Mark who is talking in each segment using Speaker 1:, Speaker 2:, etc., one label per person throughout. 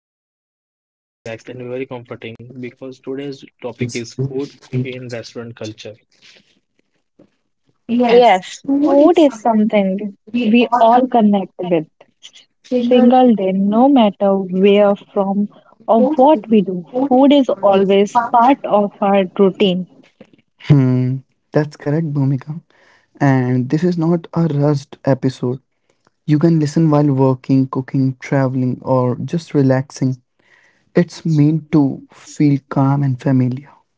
Speaker 1: going to be long, relaxed, and very comforting because today's topic is food, cooking, and restaurant culture.
Speaker 2: Yes, food is something we all connect with. Single day, no matter where from or what we do, food is always part of our routine.
Speaker 3: Hmm, that's correct, Bhumika. And this is not a rushed episode. You can listen while working, cooking, traveling, or just relaxing. It's meant to feel calm and familiar.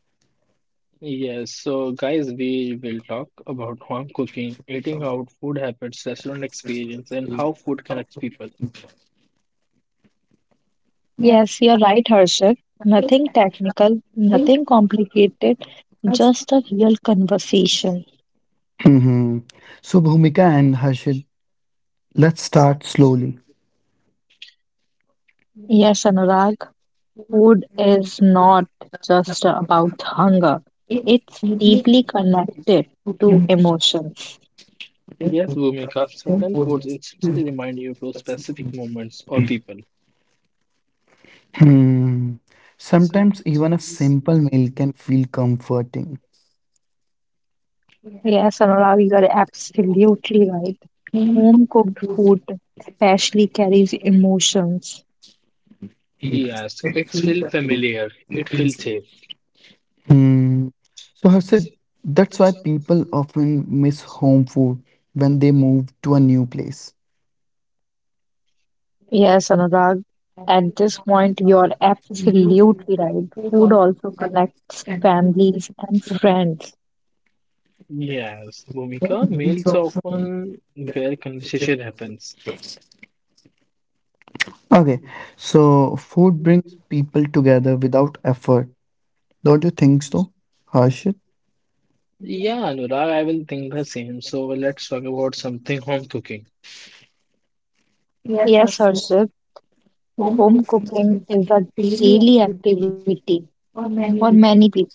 Speaker 1: Yes, so guys, we will talk about home cooking, eating out, food habits, restaurant experience, and how food connects people.
Speaker 2: Yes, you're right, Harshit. Nothing technical, nothing complicated, just a real conversation.
Speaker 3: hmm So, Bhumika and Harshit, let's start slowly.
Speaker 2: Yes, Anurag, food is not just about hunger, it's deeply connected to emotions.
Speaker 1: Yes, Bhumika, certain foods instantly remind you to specific moments or people.
Speaker 3: Hmm. Sometimes
Speaker 1: Sometimes I
Speaker 3: even a
Speaker 1: miss
Speaker 3: simple meal
Speaker 1: internet.
Speaker 3: can feel comforting.
Speaker 2: Yes, Anurag, you are absolutely right. Home cooked food especially carries emotions.
Speaker 1: Yes, it feels familiar. It feels safe.
Speaker 3: Hmm.
Speaker 1: So
Speaker 3: So,
Speaker 1: that's it.
Speaker 3: Harshit, that's
Speaker 1: That's
Speaker 3: why
Speaker 1: what people
Speaker 3: people often miss
Speaker 1: miss
Speaker 3: home food
Speaker 1: when
Speaker 3: when
Speaker 1: they
Speaker 3: they
Speaker 1: move
Speaker 3: move to
Speaker 1: to.
Speaker 3: a new place.
Speaker 2: Yes, Anurag, at this point, you're absolutely right. Food also connects families and friends.
Speaker 1: Yes, Bhumika, meals often where conversation happens. Okay.
Speaker 3: Okay,
Speaker 1: So
Speaker 3: so
Speaker 1: you
Speaker 3: food
Speaker 1: can
Speaker 3: brings
Speaker 1: put
Speaker 3: people
Speaker 1: together
Speaker 3: together
Speaker 1: that
Speaker 3: without
Speaker 1: for
Speaker 3: effort. Don't you
Speaker 1: very.
Speaker 3: think so, Harshit?
Speaker 1: Yeah, Anurag, I will think the same. So let's talk about something home cooking.
Speaker 2: Yes, Harshit, home cooking is a daily activity for many people.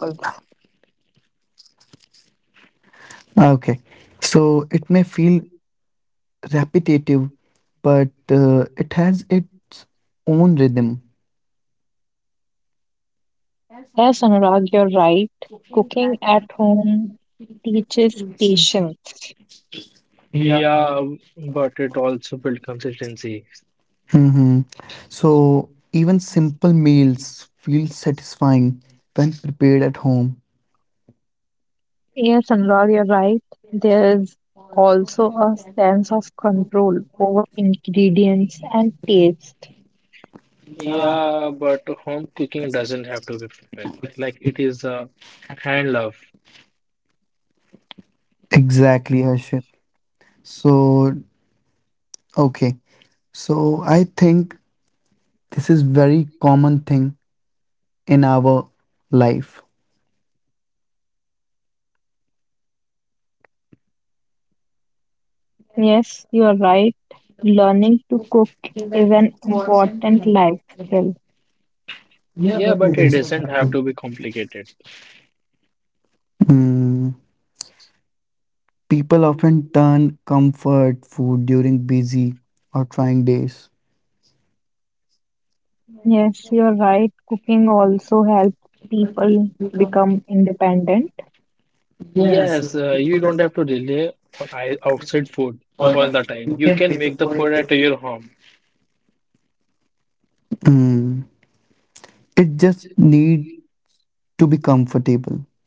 Speaker 3: Okay, so it may feel repetitive, but it has its own rhythm.
Speaker 2: Yes, Anurag, you're right. Cooking at home teaches patience.
Speaker 1: Yeah, but it also built consistency.
Speaker 3: hmm So even simple meals feel satisfying when prepared at home.
Speaker 2: Yes, Anurag, you're right. There is also a sense of control over ingredients and taste.
Speaker 1: Yeah, but home cooking doesn't have to be perfect. Like it is a hand love.
Speaker 3: Exactly, Harshit. So, okay, so I think this is very common thing in our life.
Speaker 2: Yes, you're right. Learning to cook is an important life skill.
Speaker 1: Yeah, but it doesn't have to be complicated.
Speaker 3: Hmm. People often turn comfort food during busy or trying days.
Speaker 2: Yes, you're right. Cooking also helps people become independent.
Speaker 1: Yes, you don't have to rely on outside food all the time. You can make the food at your home.
Speaker 3: Mm. It just need to be comfortable.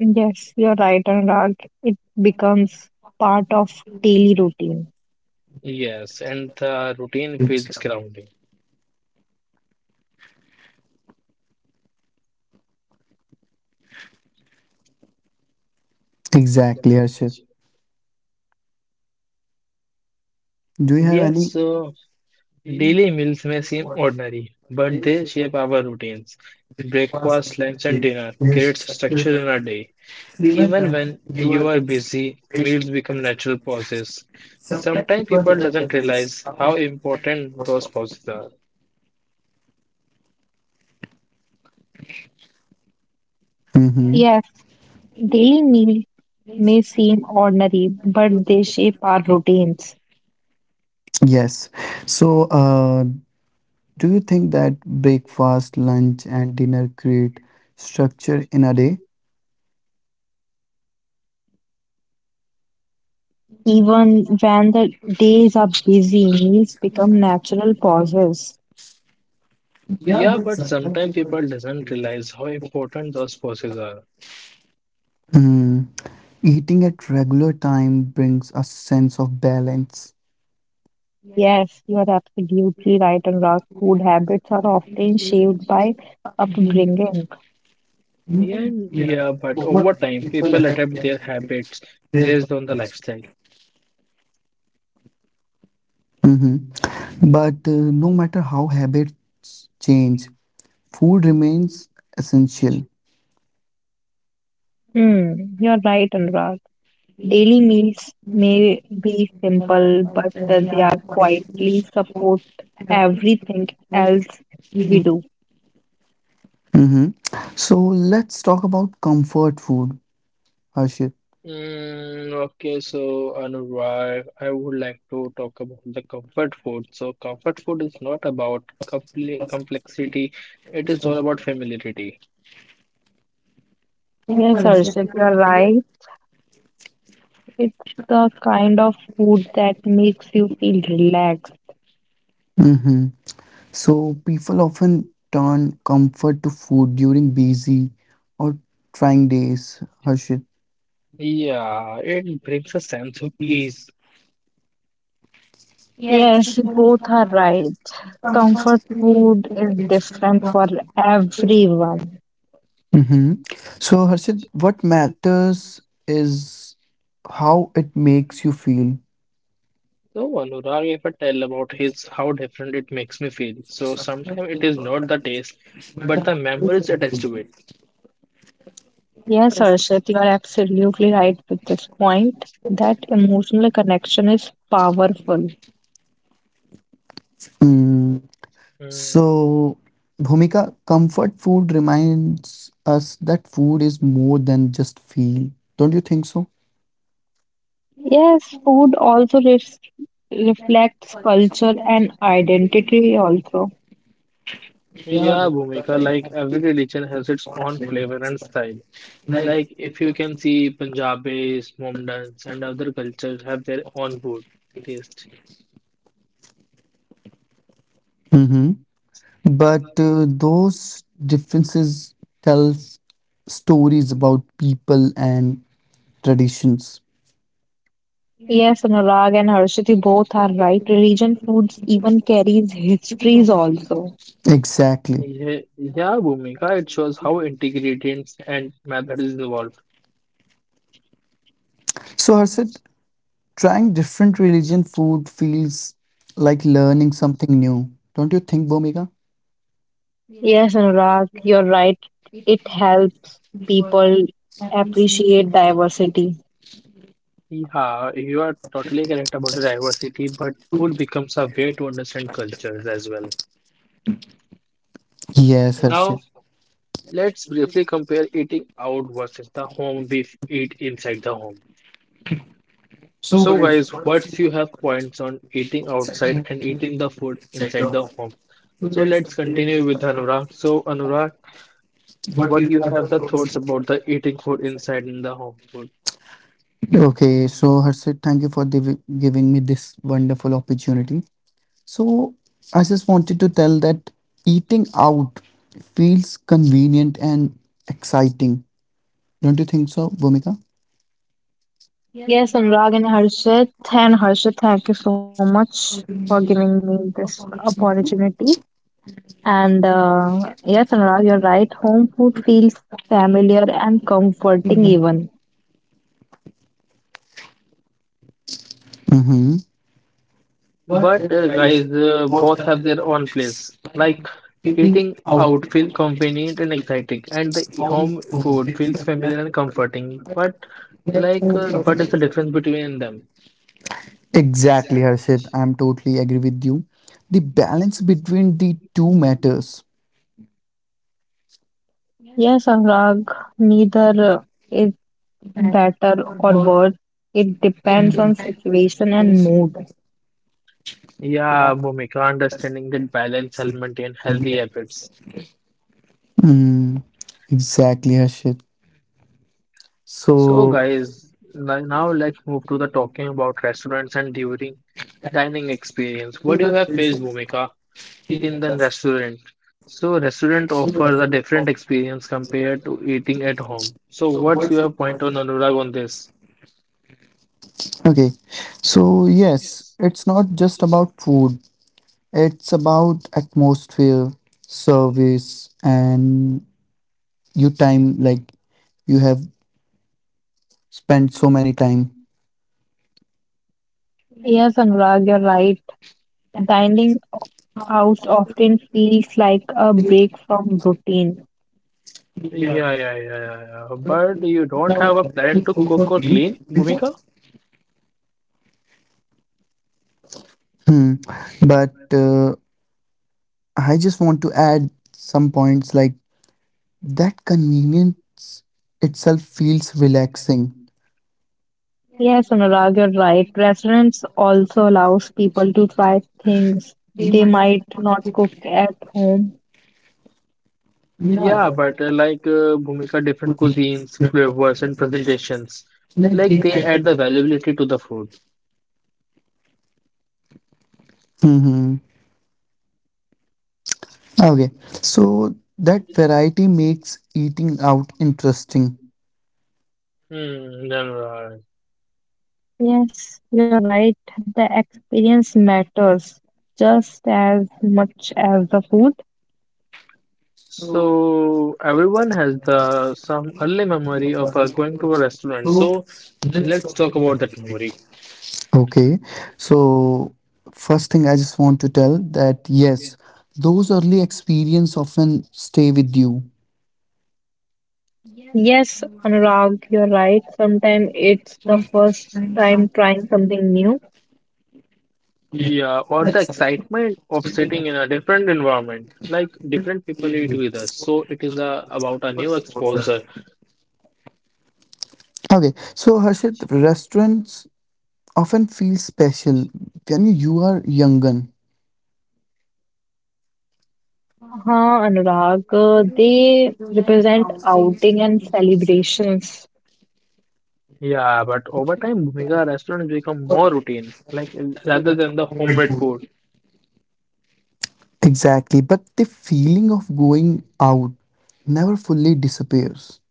Speaker 2: Yes, you're right, Anurag. It becomes part of daily routine.
Speaker 1: Yes, and the routine feels grounding.
Speaker 3: Exactly, Arshit. Do you have
Speaker 1: Yes,
Speaker 3: any?
Speaker 1: so daily meals may seem ordinary, but they shape our routines. Breakfast, lunch, and dinner creates structure in our day. Even when you are busy, meals become natural pauses. Sometimes people doesn't realize how important those pauses are.
Speaker 3: Hmm.
Speaker 2: Yes, daily meals may seem ordinary, but they shape our routines.
Speaker 3: Yes. So, do you think that breakfast, lunch, and dinner create structure in a day?
Speaker 2: Even when the days are busy, meals become natural pauses.
Speaker 1: Yeah, but sometimes people doesn't realize how important those pauses are.
Speaker 3: Mm. Eating at regular time brings a sense of balance.
Speaker 2: Yes, you are absolutely right, Anurag. Food habits are often shaped by upbringing.
Speaker 1: Yeah, yeah, but over time, people adapt their habits based on the lifestyle.
Speaker 3: hmm But no matter how habits change, food remains essential.
Speaker 2: Hmm, you're right, Anurag. Daily meals may be simple, but they are quietly support everything else we do.
Speaker 3: hmm So let's talk about comfort food, Harshit.
Speaker 1: Mm, okay, so Anurag, I would like to talk about the comfort food. So, comfort food is not about compli complexity, it is all about familiarity.
Speaker 2: Yes, Arshit, you're right. It's the kind of food that makes you feel relaxed.
Speaker 3: hmm So people often turn comfort to food during busy or trying days, Harshit.
Speaker 1: Yeah, it brings a sense of ease.
Speaker 2: Yes, both are right. Comfort food is different for everyone.
Speaker 3: hmm So, Harshit, what matters is how it makes you feel.
Speaker 1: So, Anurag, if I tell about his how different it makes me feel. So sometimes it is not the taste, but the memories attached to it.
Speaker 2: Yes, Arshit, you are absolutely right with this point that emotional connection is powerful.
Speaker 3: Mm.
Speaker 1: Mm.
Speaker 3: So, Bhumika, comfort food reminds us that food is more than just feel. Don't you think so?
Speaker 2: Yes, food also reflects culture and identity also.
Speaker 1: Yeah, Bhumika, like every religion has its own flavor and style. Like if you can see Punjabis, Mohammedans, and other cultures have their own food taste.
Speaker 3: hmm But those differences tell stories about people and traditions.
Speaker 2: Yes, Anurag and Harshit, you both are right. Religion foods even carries histories also.
Speaker 3: Exactly.
Speaker 1: Yeah, yeah, Bhumika, it shows how ingredients and methods is involved.
Speaker 3: So, Harshit, trying different religion food feels like learning something new. Don't you think, Bhumika?
Speaker 2: Yes, Anurag, you're right. It helps people appreciate diversity.
Speaker 1: Yeah, you are totally correct about the diversity, but food becomes a way to understand cultures as well.
Speaker 3: Yes,
Speaker 1: Now,
Speaker 3: Harshit.
Speaker 1: let's briefly compare eating out versus the home we eat inside the home. So, guys, what's you have points on eating outside and eating the food inside the home? So, let's continue with Anurag. So, Anurag, what you have the thoughts about the eating food inside and the home food?
Speaker 3: Okay, so Harshit, thank you for giving me this wonderful opportunity. So, I just wanted to tell that eating out feels convenient and exciting. Don't you think so, Bhumika?
Speaker 2: Yes, Anurag and Harshit. And Harshit, thank you so much for giving me this opportunity. And yes, Anurag, you're right. Home food feels familiar and comforting, even.
Speaker 3: Mm-hmm.
Speaker 1: But guys, both have their own place. Like eating out feels convenient and exciting, and the home food feels familiar and comforting. But like, but it's a difference between them.
Speaker 3: Exactly, Harshit. I'm totally agree with you. The balance between the two matters.
Speaker 2: Yes, Anurag, neither is better or worse. It depends on situation and mood.
Speaker 1: Yeah, Bhumika, understanding that balance help maintain healthy habits.
Speaker 3: Mm, exactly, Harshit.
Speaker 1: So,
Speaker 3: So,
Speaker 1: guys, now let's move to the talking about restaurants and during dining experience. What do you have faced, Bhumika? In the restaurant. So restaurant offers a different experience compared to eating at home. So what's your point on Anurag on this?
Speaker 3: okay. So, yes, it's not just about food, it's about atmosphere, service, and you time. Like, you have spent so many time.
Speaker 2: Yes, Anurag, you're right. Dining out often feels like a break from routine.
Speaker 1: Yeah, yeah, yeah, yeah, yeah. But you don't have a plan to cook or clean, Bhumika?
Speaker 3: Hmm. But I just want to add some points like that convenience itself feels relaxing.
Speaker 2: Yes, Anurag, you're right. Restaurants also allows people to try things they might not cook at home.
Speaker 1: Yeah, but like Bhumika, different cuisines, flavors, and presentations, like they add the valuability to the food.
Speaker 3: Hmm. Okay. So that variety makes eating out interesting.
Speaker 1: Hmm.
Speaker 2: Yes, you're right. The experience matters just as much as the food.
Speaker 1: So everyone has the some early memory of going to a restaurant. So let's talk about that memory.
Speaker 3: Okay. So first thing I just want to tell that yes, those early experience often stay with you.
Speaker 2: Yes, Anurag, you're right. Sometimes it's the first time trying something new.
Speaker 1: Yeah, or the excitement of sitting in a different environment, like different people eat with us. So it is about a new exposure.
Speaker 3: Okay. So Harshit, restaurants often feel special when you are younger.
Speaker 2: Huh, Anurag, they represent outing and celebrations.
Speaker 1: Yeah, but over time, Bhumika restaurants become more routine, like rather than the homemade food.
Speaker 3: Exactly. But the feeling of going out never fully disappears.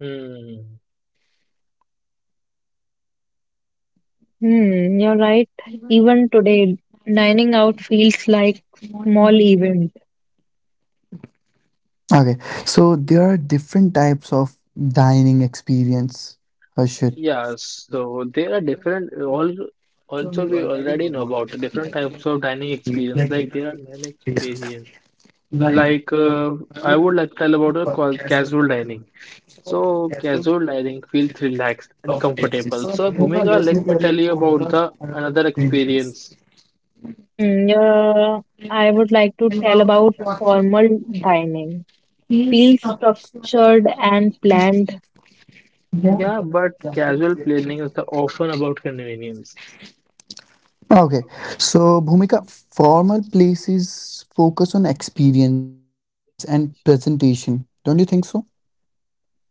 Speaker 1: Hmm.
Speaker 2: Hmm, you're right. Even today, dining out feels like small event.
Speaker 3: Okay, so there are different types of dining experience, Harshit.
Speaker 1: Yeah, so there are different all. Also, we already know about the different types of dining experience. Like there are many experiences. Like, I would like to tell about a casual dining. So, casual dining feels relaxed and comfortable. So, Bhumika, let me tell you about the another experience.
Speaker 2: Hmm, yeah, I would like to tell about formal dining. Feels structured and planned.
Speaker 1: Yeah, but casual planning is often about convenience.
Speaker 3: Okay, so Bhumika, formal places focus on experience and presentation. Don't you think so?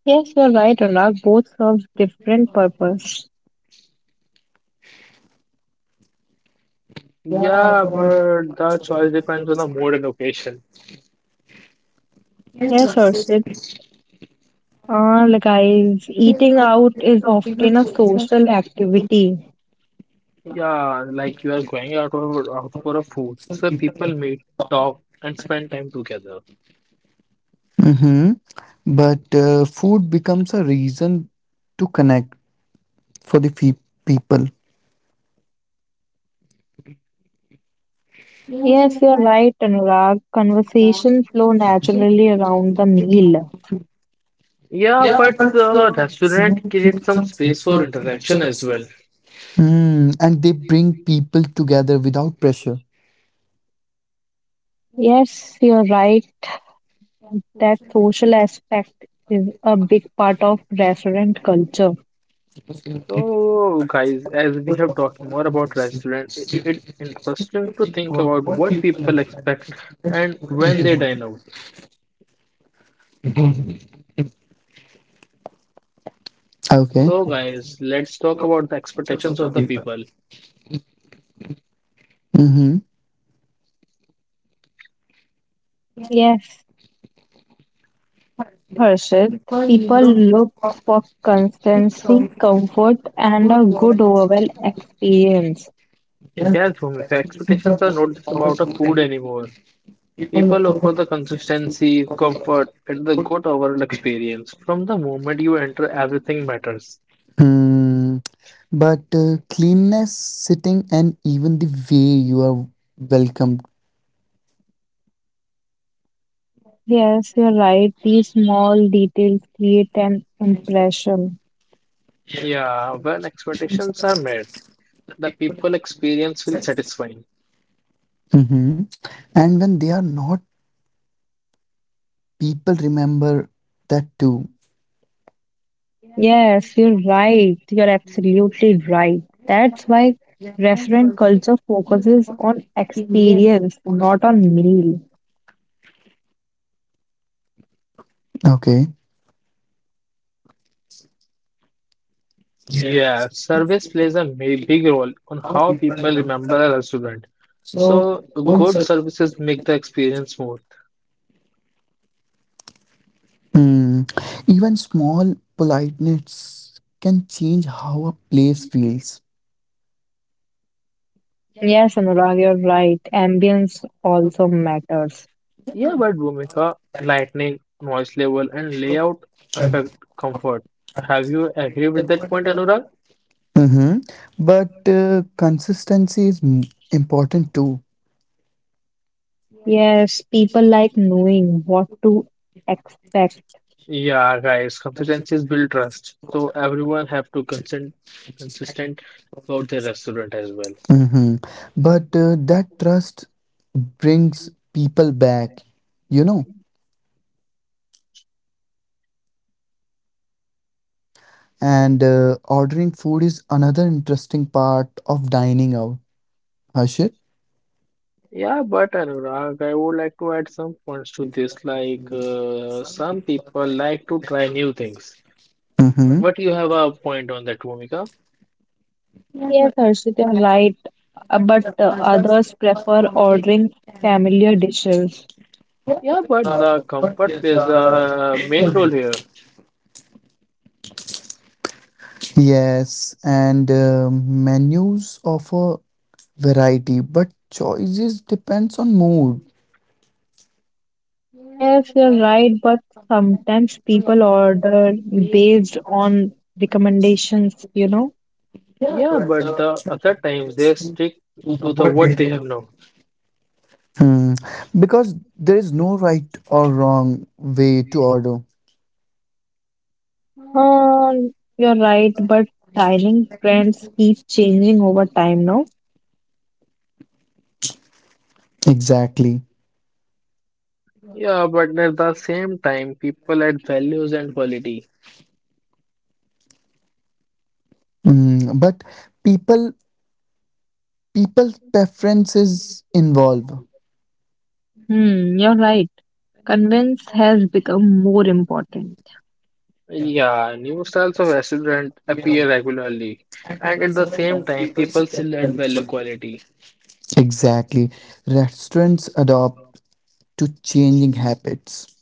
Speaker 2: Yes, you're right, Anurag. Both serve different purpose.
Speaker 1: Yeah, but the choice depends on the mood and occasion.
Speaker 2: Yes, Arshit. Ah, guys, eating out is often a social activity.
Speaker 1: Yeah, like you are going out for, out for a food. So, people meet, talk, and spend time together.
Speaker 3: Mm-hmm. But food becomes a reason to connect for the people.
Speaker 2: Yes, you're right, Anurag. Conversation flow naturally around the meal.
Speaker 1: Yeah, but the restaurant creates some space for interaction as well.
Speaker 3: Mm, and they bring people together without pressure.
Speaker 2: Yes, you're right. That social aspect is a big part of restaurant culture.
Speaker 1: So, guys, as we have talked more about restaurant, it's interesting to think about what people expect and when they dine out.
Speaker 3: Okay.
Speaker 1: So, guys, let's talk about the expectations of the people.
Speaker 3: Mm-hmm.
Speaker 2: Yes, Harshit, people look for consistency, comfort, and a good overall experience.
Speaker 1: Yes, Bhumika, expectations are not just about a food anymore. People look for the consistency, comfort, and the good overall experience. From the moment you enter, everything matters.
Speaker 3: Hmm. But cleanness, sitting, and even the way you are welcomed.
Speaker 2: Yes, you're right. These small details create an impression.
Speaker 1: Yeah, when expectations are met, the people experience feels satisfying.
Speaker 3: hmm And when they are not, people remember that too.
Speaker 2: Yes, you're right. You're absolutely right. That's why restaurant culture focuses on experience, not on meal.
Speaker 3: Okay.
Speaker 1: Yeah, service plays a big role on how people remember a restaurant. So good services make the experience smooth.
Speaker 3: Hmm. Even small politeness can change how a place feels.
Speaker 2: Yes, Anurag, you're right. Ambience also matters.
Speaker 1: Yeah, but Bhumika, lighting, noise level, and layout affect comfort. Have you agree with that point, Anurag?
Speaker 3: Mm-hmm. But consistency is important too.
Speaker 2: Yes, people like knowing what to expect.
Speaker 1: Yeah, guys, consistencies build trust. So everyone have to consent consistent about their restaurant as well.
Speaker 3: Mm-hmm. But that trust brings people back, you know. And ordering food is another interesting part of dining out, Harshit.
Speaker 1: Yeah, but Anurag, I would like to add some points to this. Like, some people like to try new things.
Speaker 3: Mm-hmm.
Speaker 1: But you have a point on that, Bhumika.
Speaker 2: Yes, Arshit, you're right. But others prefer ordering familiar dishes.
Speaker 1: Yeah, but the comfort plays the main role here.
Speaker 3: Yes, and menus offer variety, but choices depends on mood.
Speaker 2: Yes, you're right. But sometimes people order based on recommendations, you know.
Speaker 1: Yeah, but the other times they stick to the what they have now.
Speaker 3: Hmm. Because there is no right or wrong way to order.
Speaker 2: Um, you're right. But dining trends keep changing over time now.
Speaker 3: Exactly.
Speaker 1: Yeah, but at the same time, people add values and quality.
Speaker 3: Mm, but people people preferences involve.
Speaker 2: Hmm, you're right. Convenience has become more important.
Speaker 1: Yeah, new styles of restaurant appear regularly, and at the same time, people still add value quality.
Speaker 3: Exactly. Restaurants adopt to changing habits.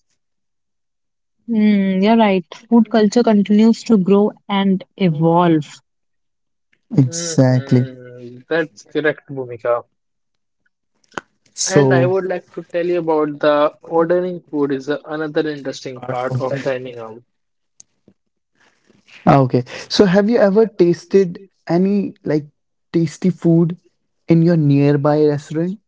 Speaker 2: Hmm, you're right. Food culture continues to grow and evolve.
Speaker 3: Exactly.
Speaker 1: Hmm. That's correct, Bhumika. And
Speaker 3: So,
Speaker 1: I would like to tell you about the ordering food is another interesting part of dining out.
Speaker 3: ah, okay. So, have you ever tasted any like tasty food in your nearby restaurant?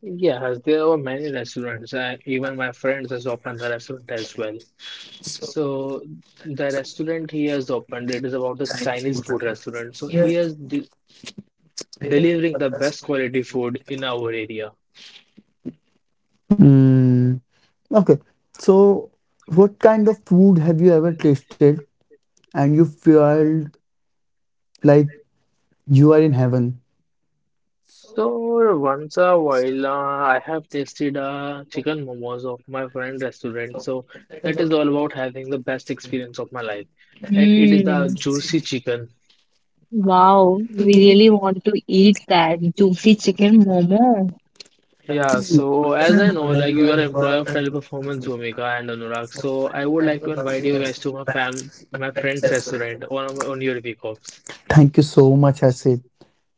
Speaker 1: Yes, there are many restaurants. Even my friends has opened the restaurant as well. So the restaurant he has opened, it is about the Chinese food restaurant. So he is de delivering the best quality food in our area.
Speaker 3: Mm, okay. So, what kind of food have you ever tasted and you felt like you are in heaven?
Speaker 1: So once a while, I have tasted chicken momos of my friend restaurant. So that is all about having the best experience of my life. It is the
Speaker 2: Hmm.
Speaker 1: juicy chicken.
Speaker 2: Wow, we really want to eat that juicy chicken momo.
Speaker 1: Yeah. So as I know, like you are employee of Teleperformance Bhumika and Anurag. So I would like to invite you guys to my my friend's restaurant on your week offs.
Speaker 3: Thank you so much, Asit.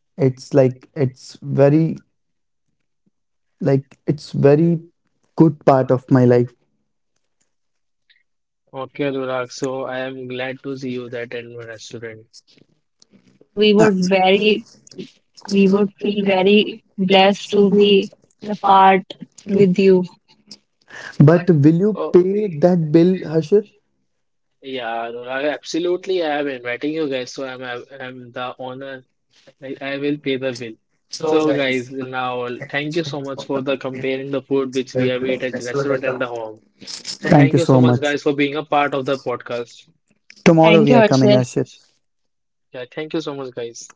Speaker 3: It's like it's very like it's very good part of my life.
Speaker 1: Okay, Anurag. So I am glad to see you that in my restaurant.
Speaker 2: So we
Speaker 3: Uh,
Speaker 2: would very, we would feel very blessed to be the part with you.
Speaker 3: But will you
Speaker 1: Oh.
Speaker 3: pay that bill, Harshit?
Speaker 1: Yeah, Anurag, absolutely. I am inviting you guys, so I'm the owner. I will pay the bill. So guys, now thank you so much for the comparing the food which we have eat at the restaurant and the home. So
Speaker 3: Thank you
Speaker 1: thank you
Speaker 3: so
Speaker 1: so
Speaker 3: much.
Speaker 1: much guys for being a part of the podcast.
Speaker 3: Tomorrow we
Speaker 2: Thank
Speaker 3: are
Speaker 2: you,
Speaker 3: coming,
Speaker 2: Harshit.
Speaker 3: Ashit.
Speaker 1: Yeah, thank you so much guys.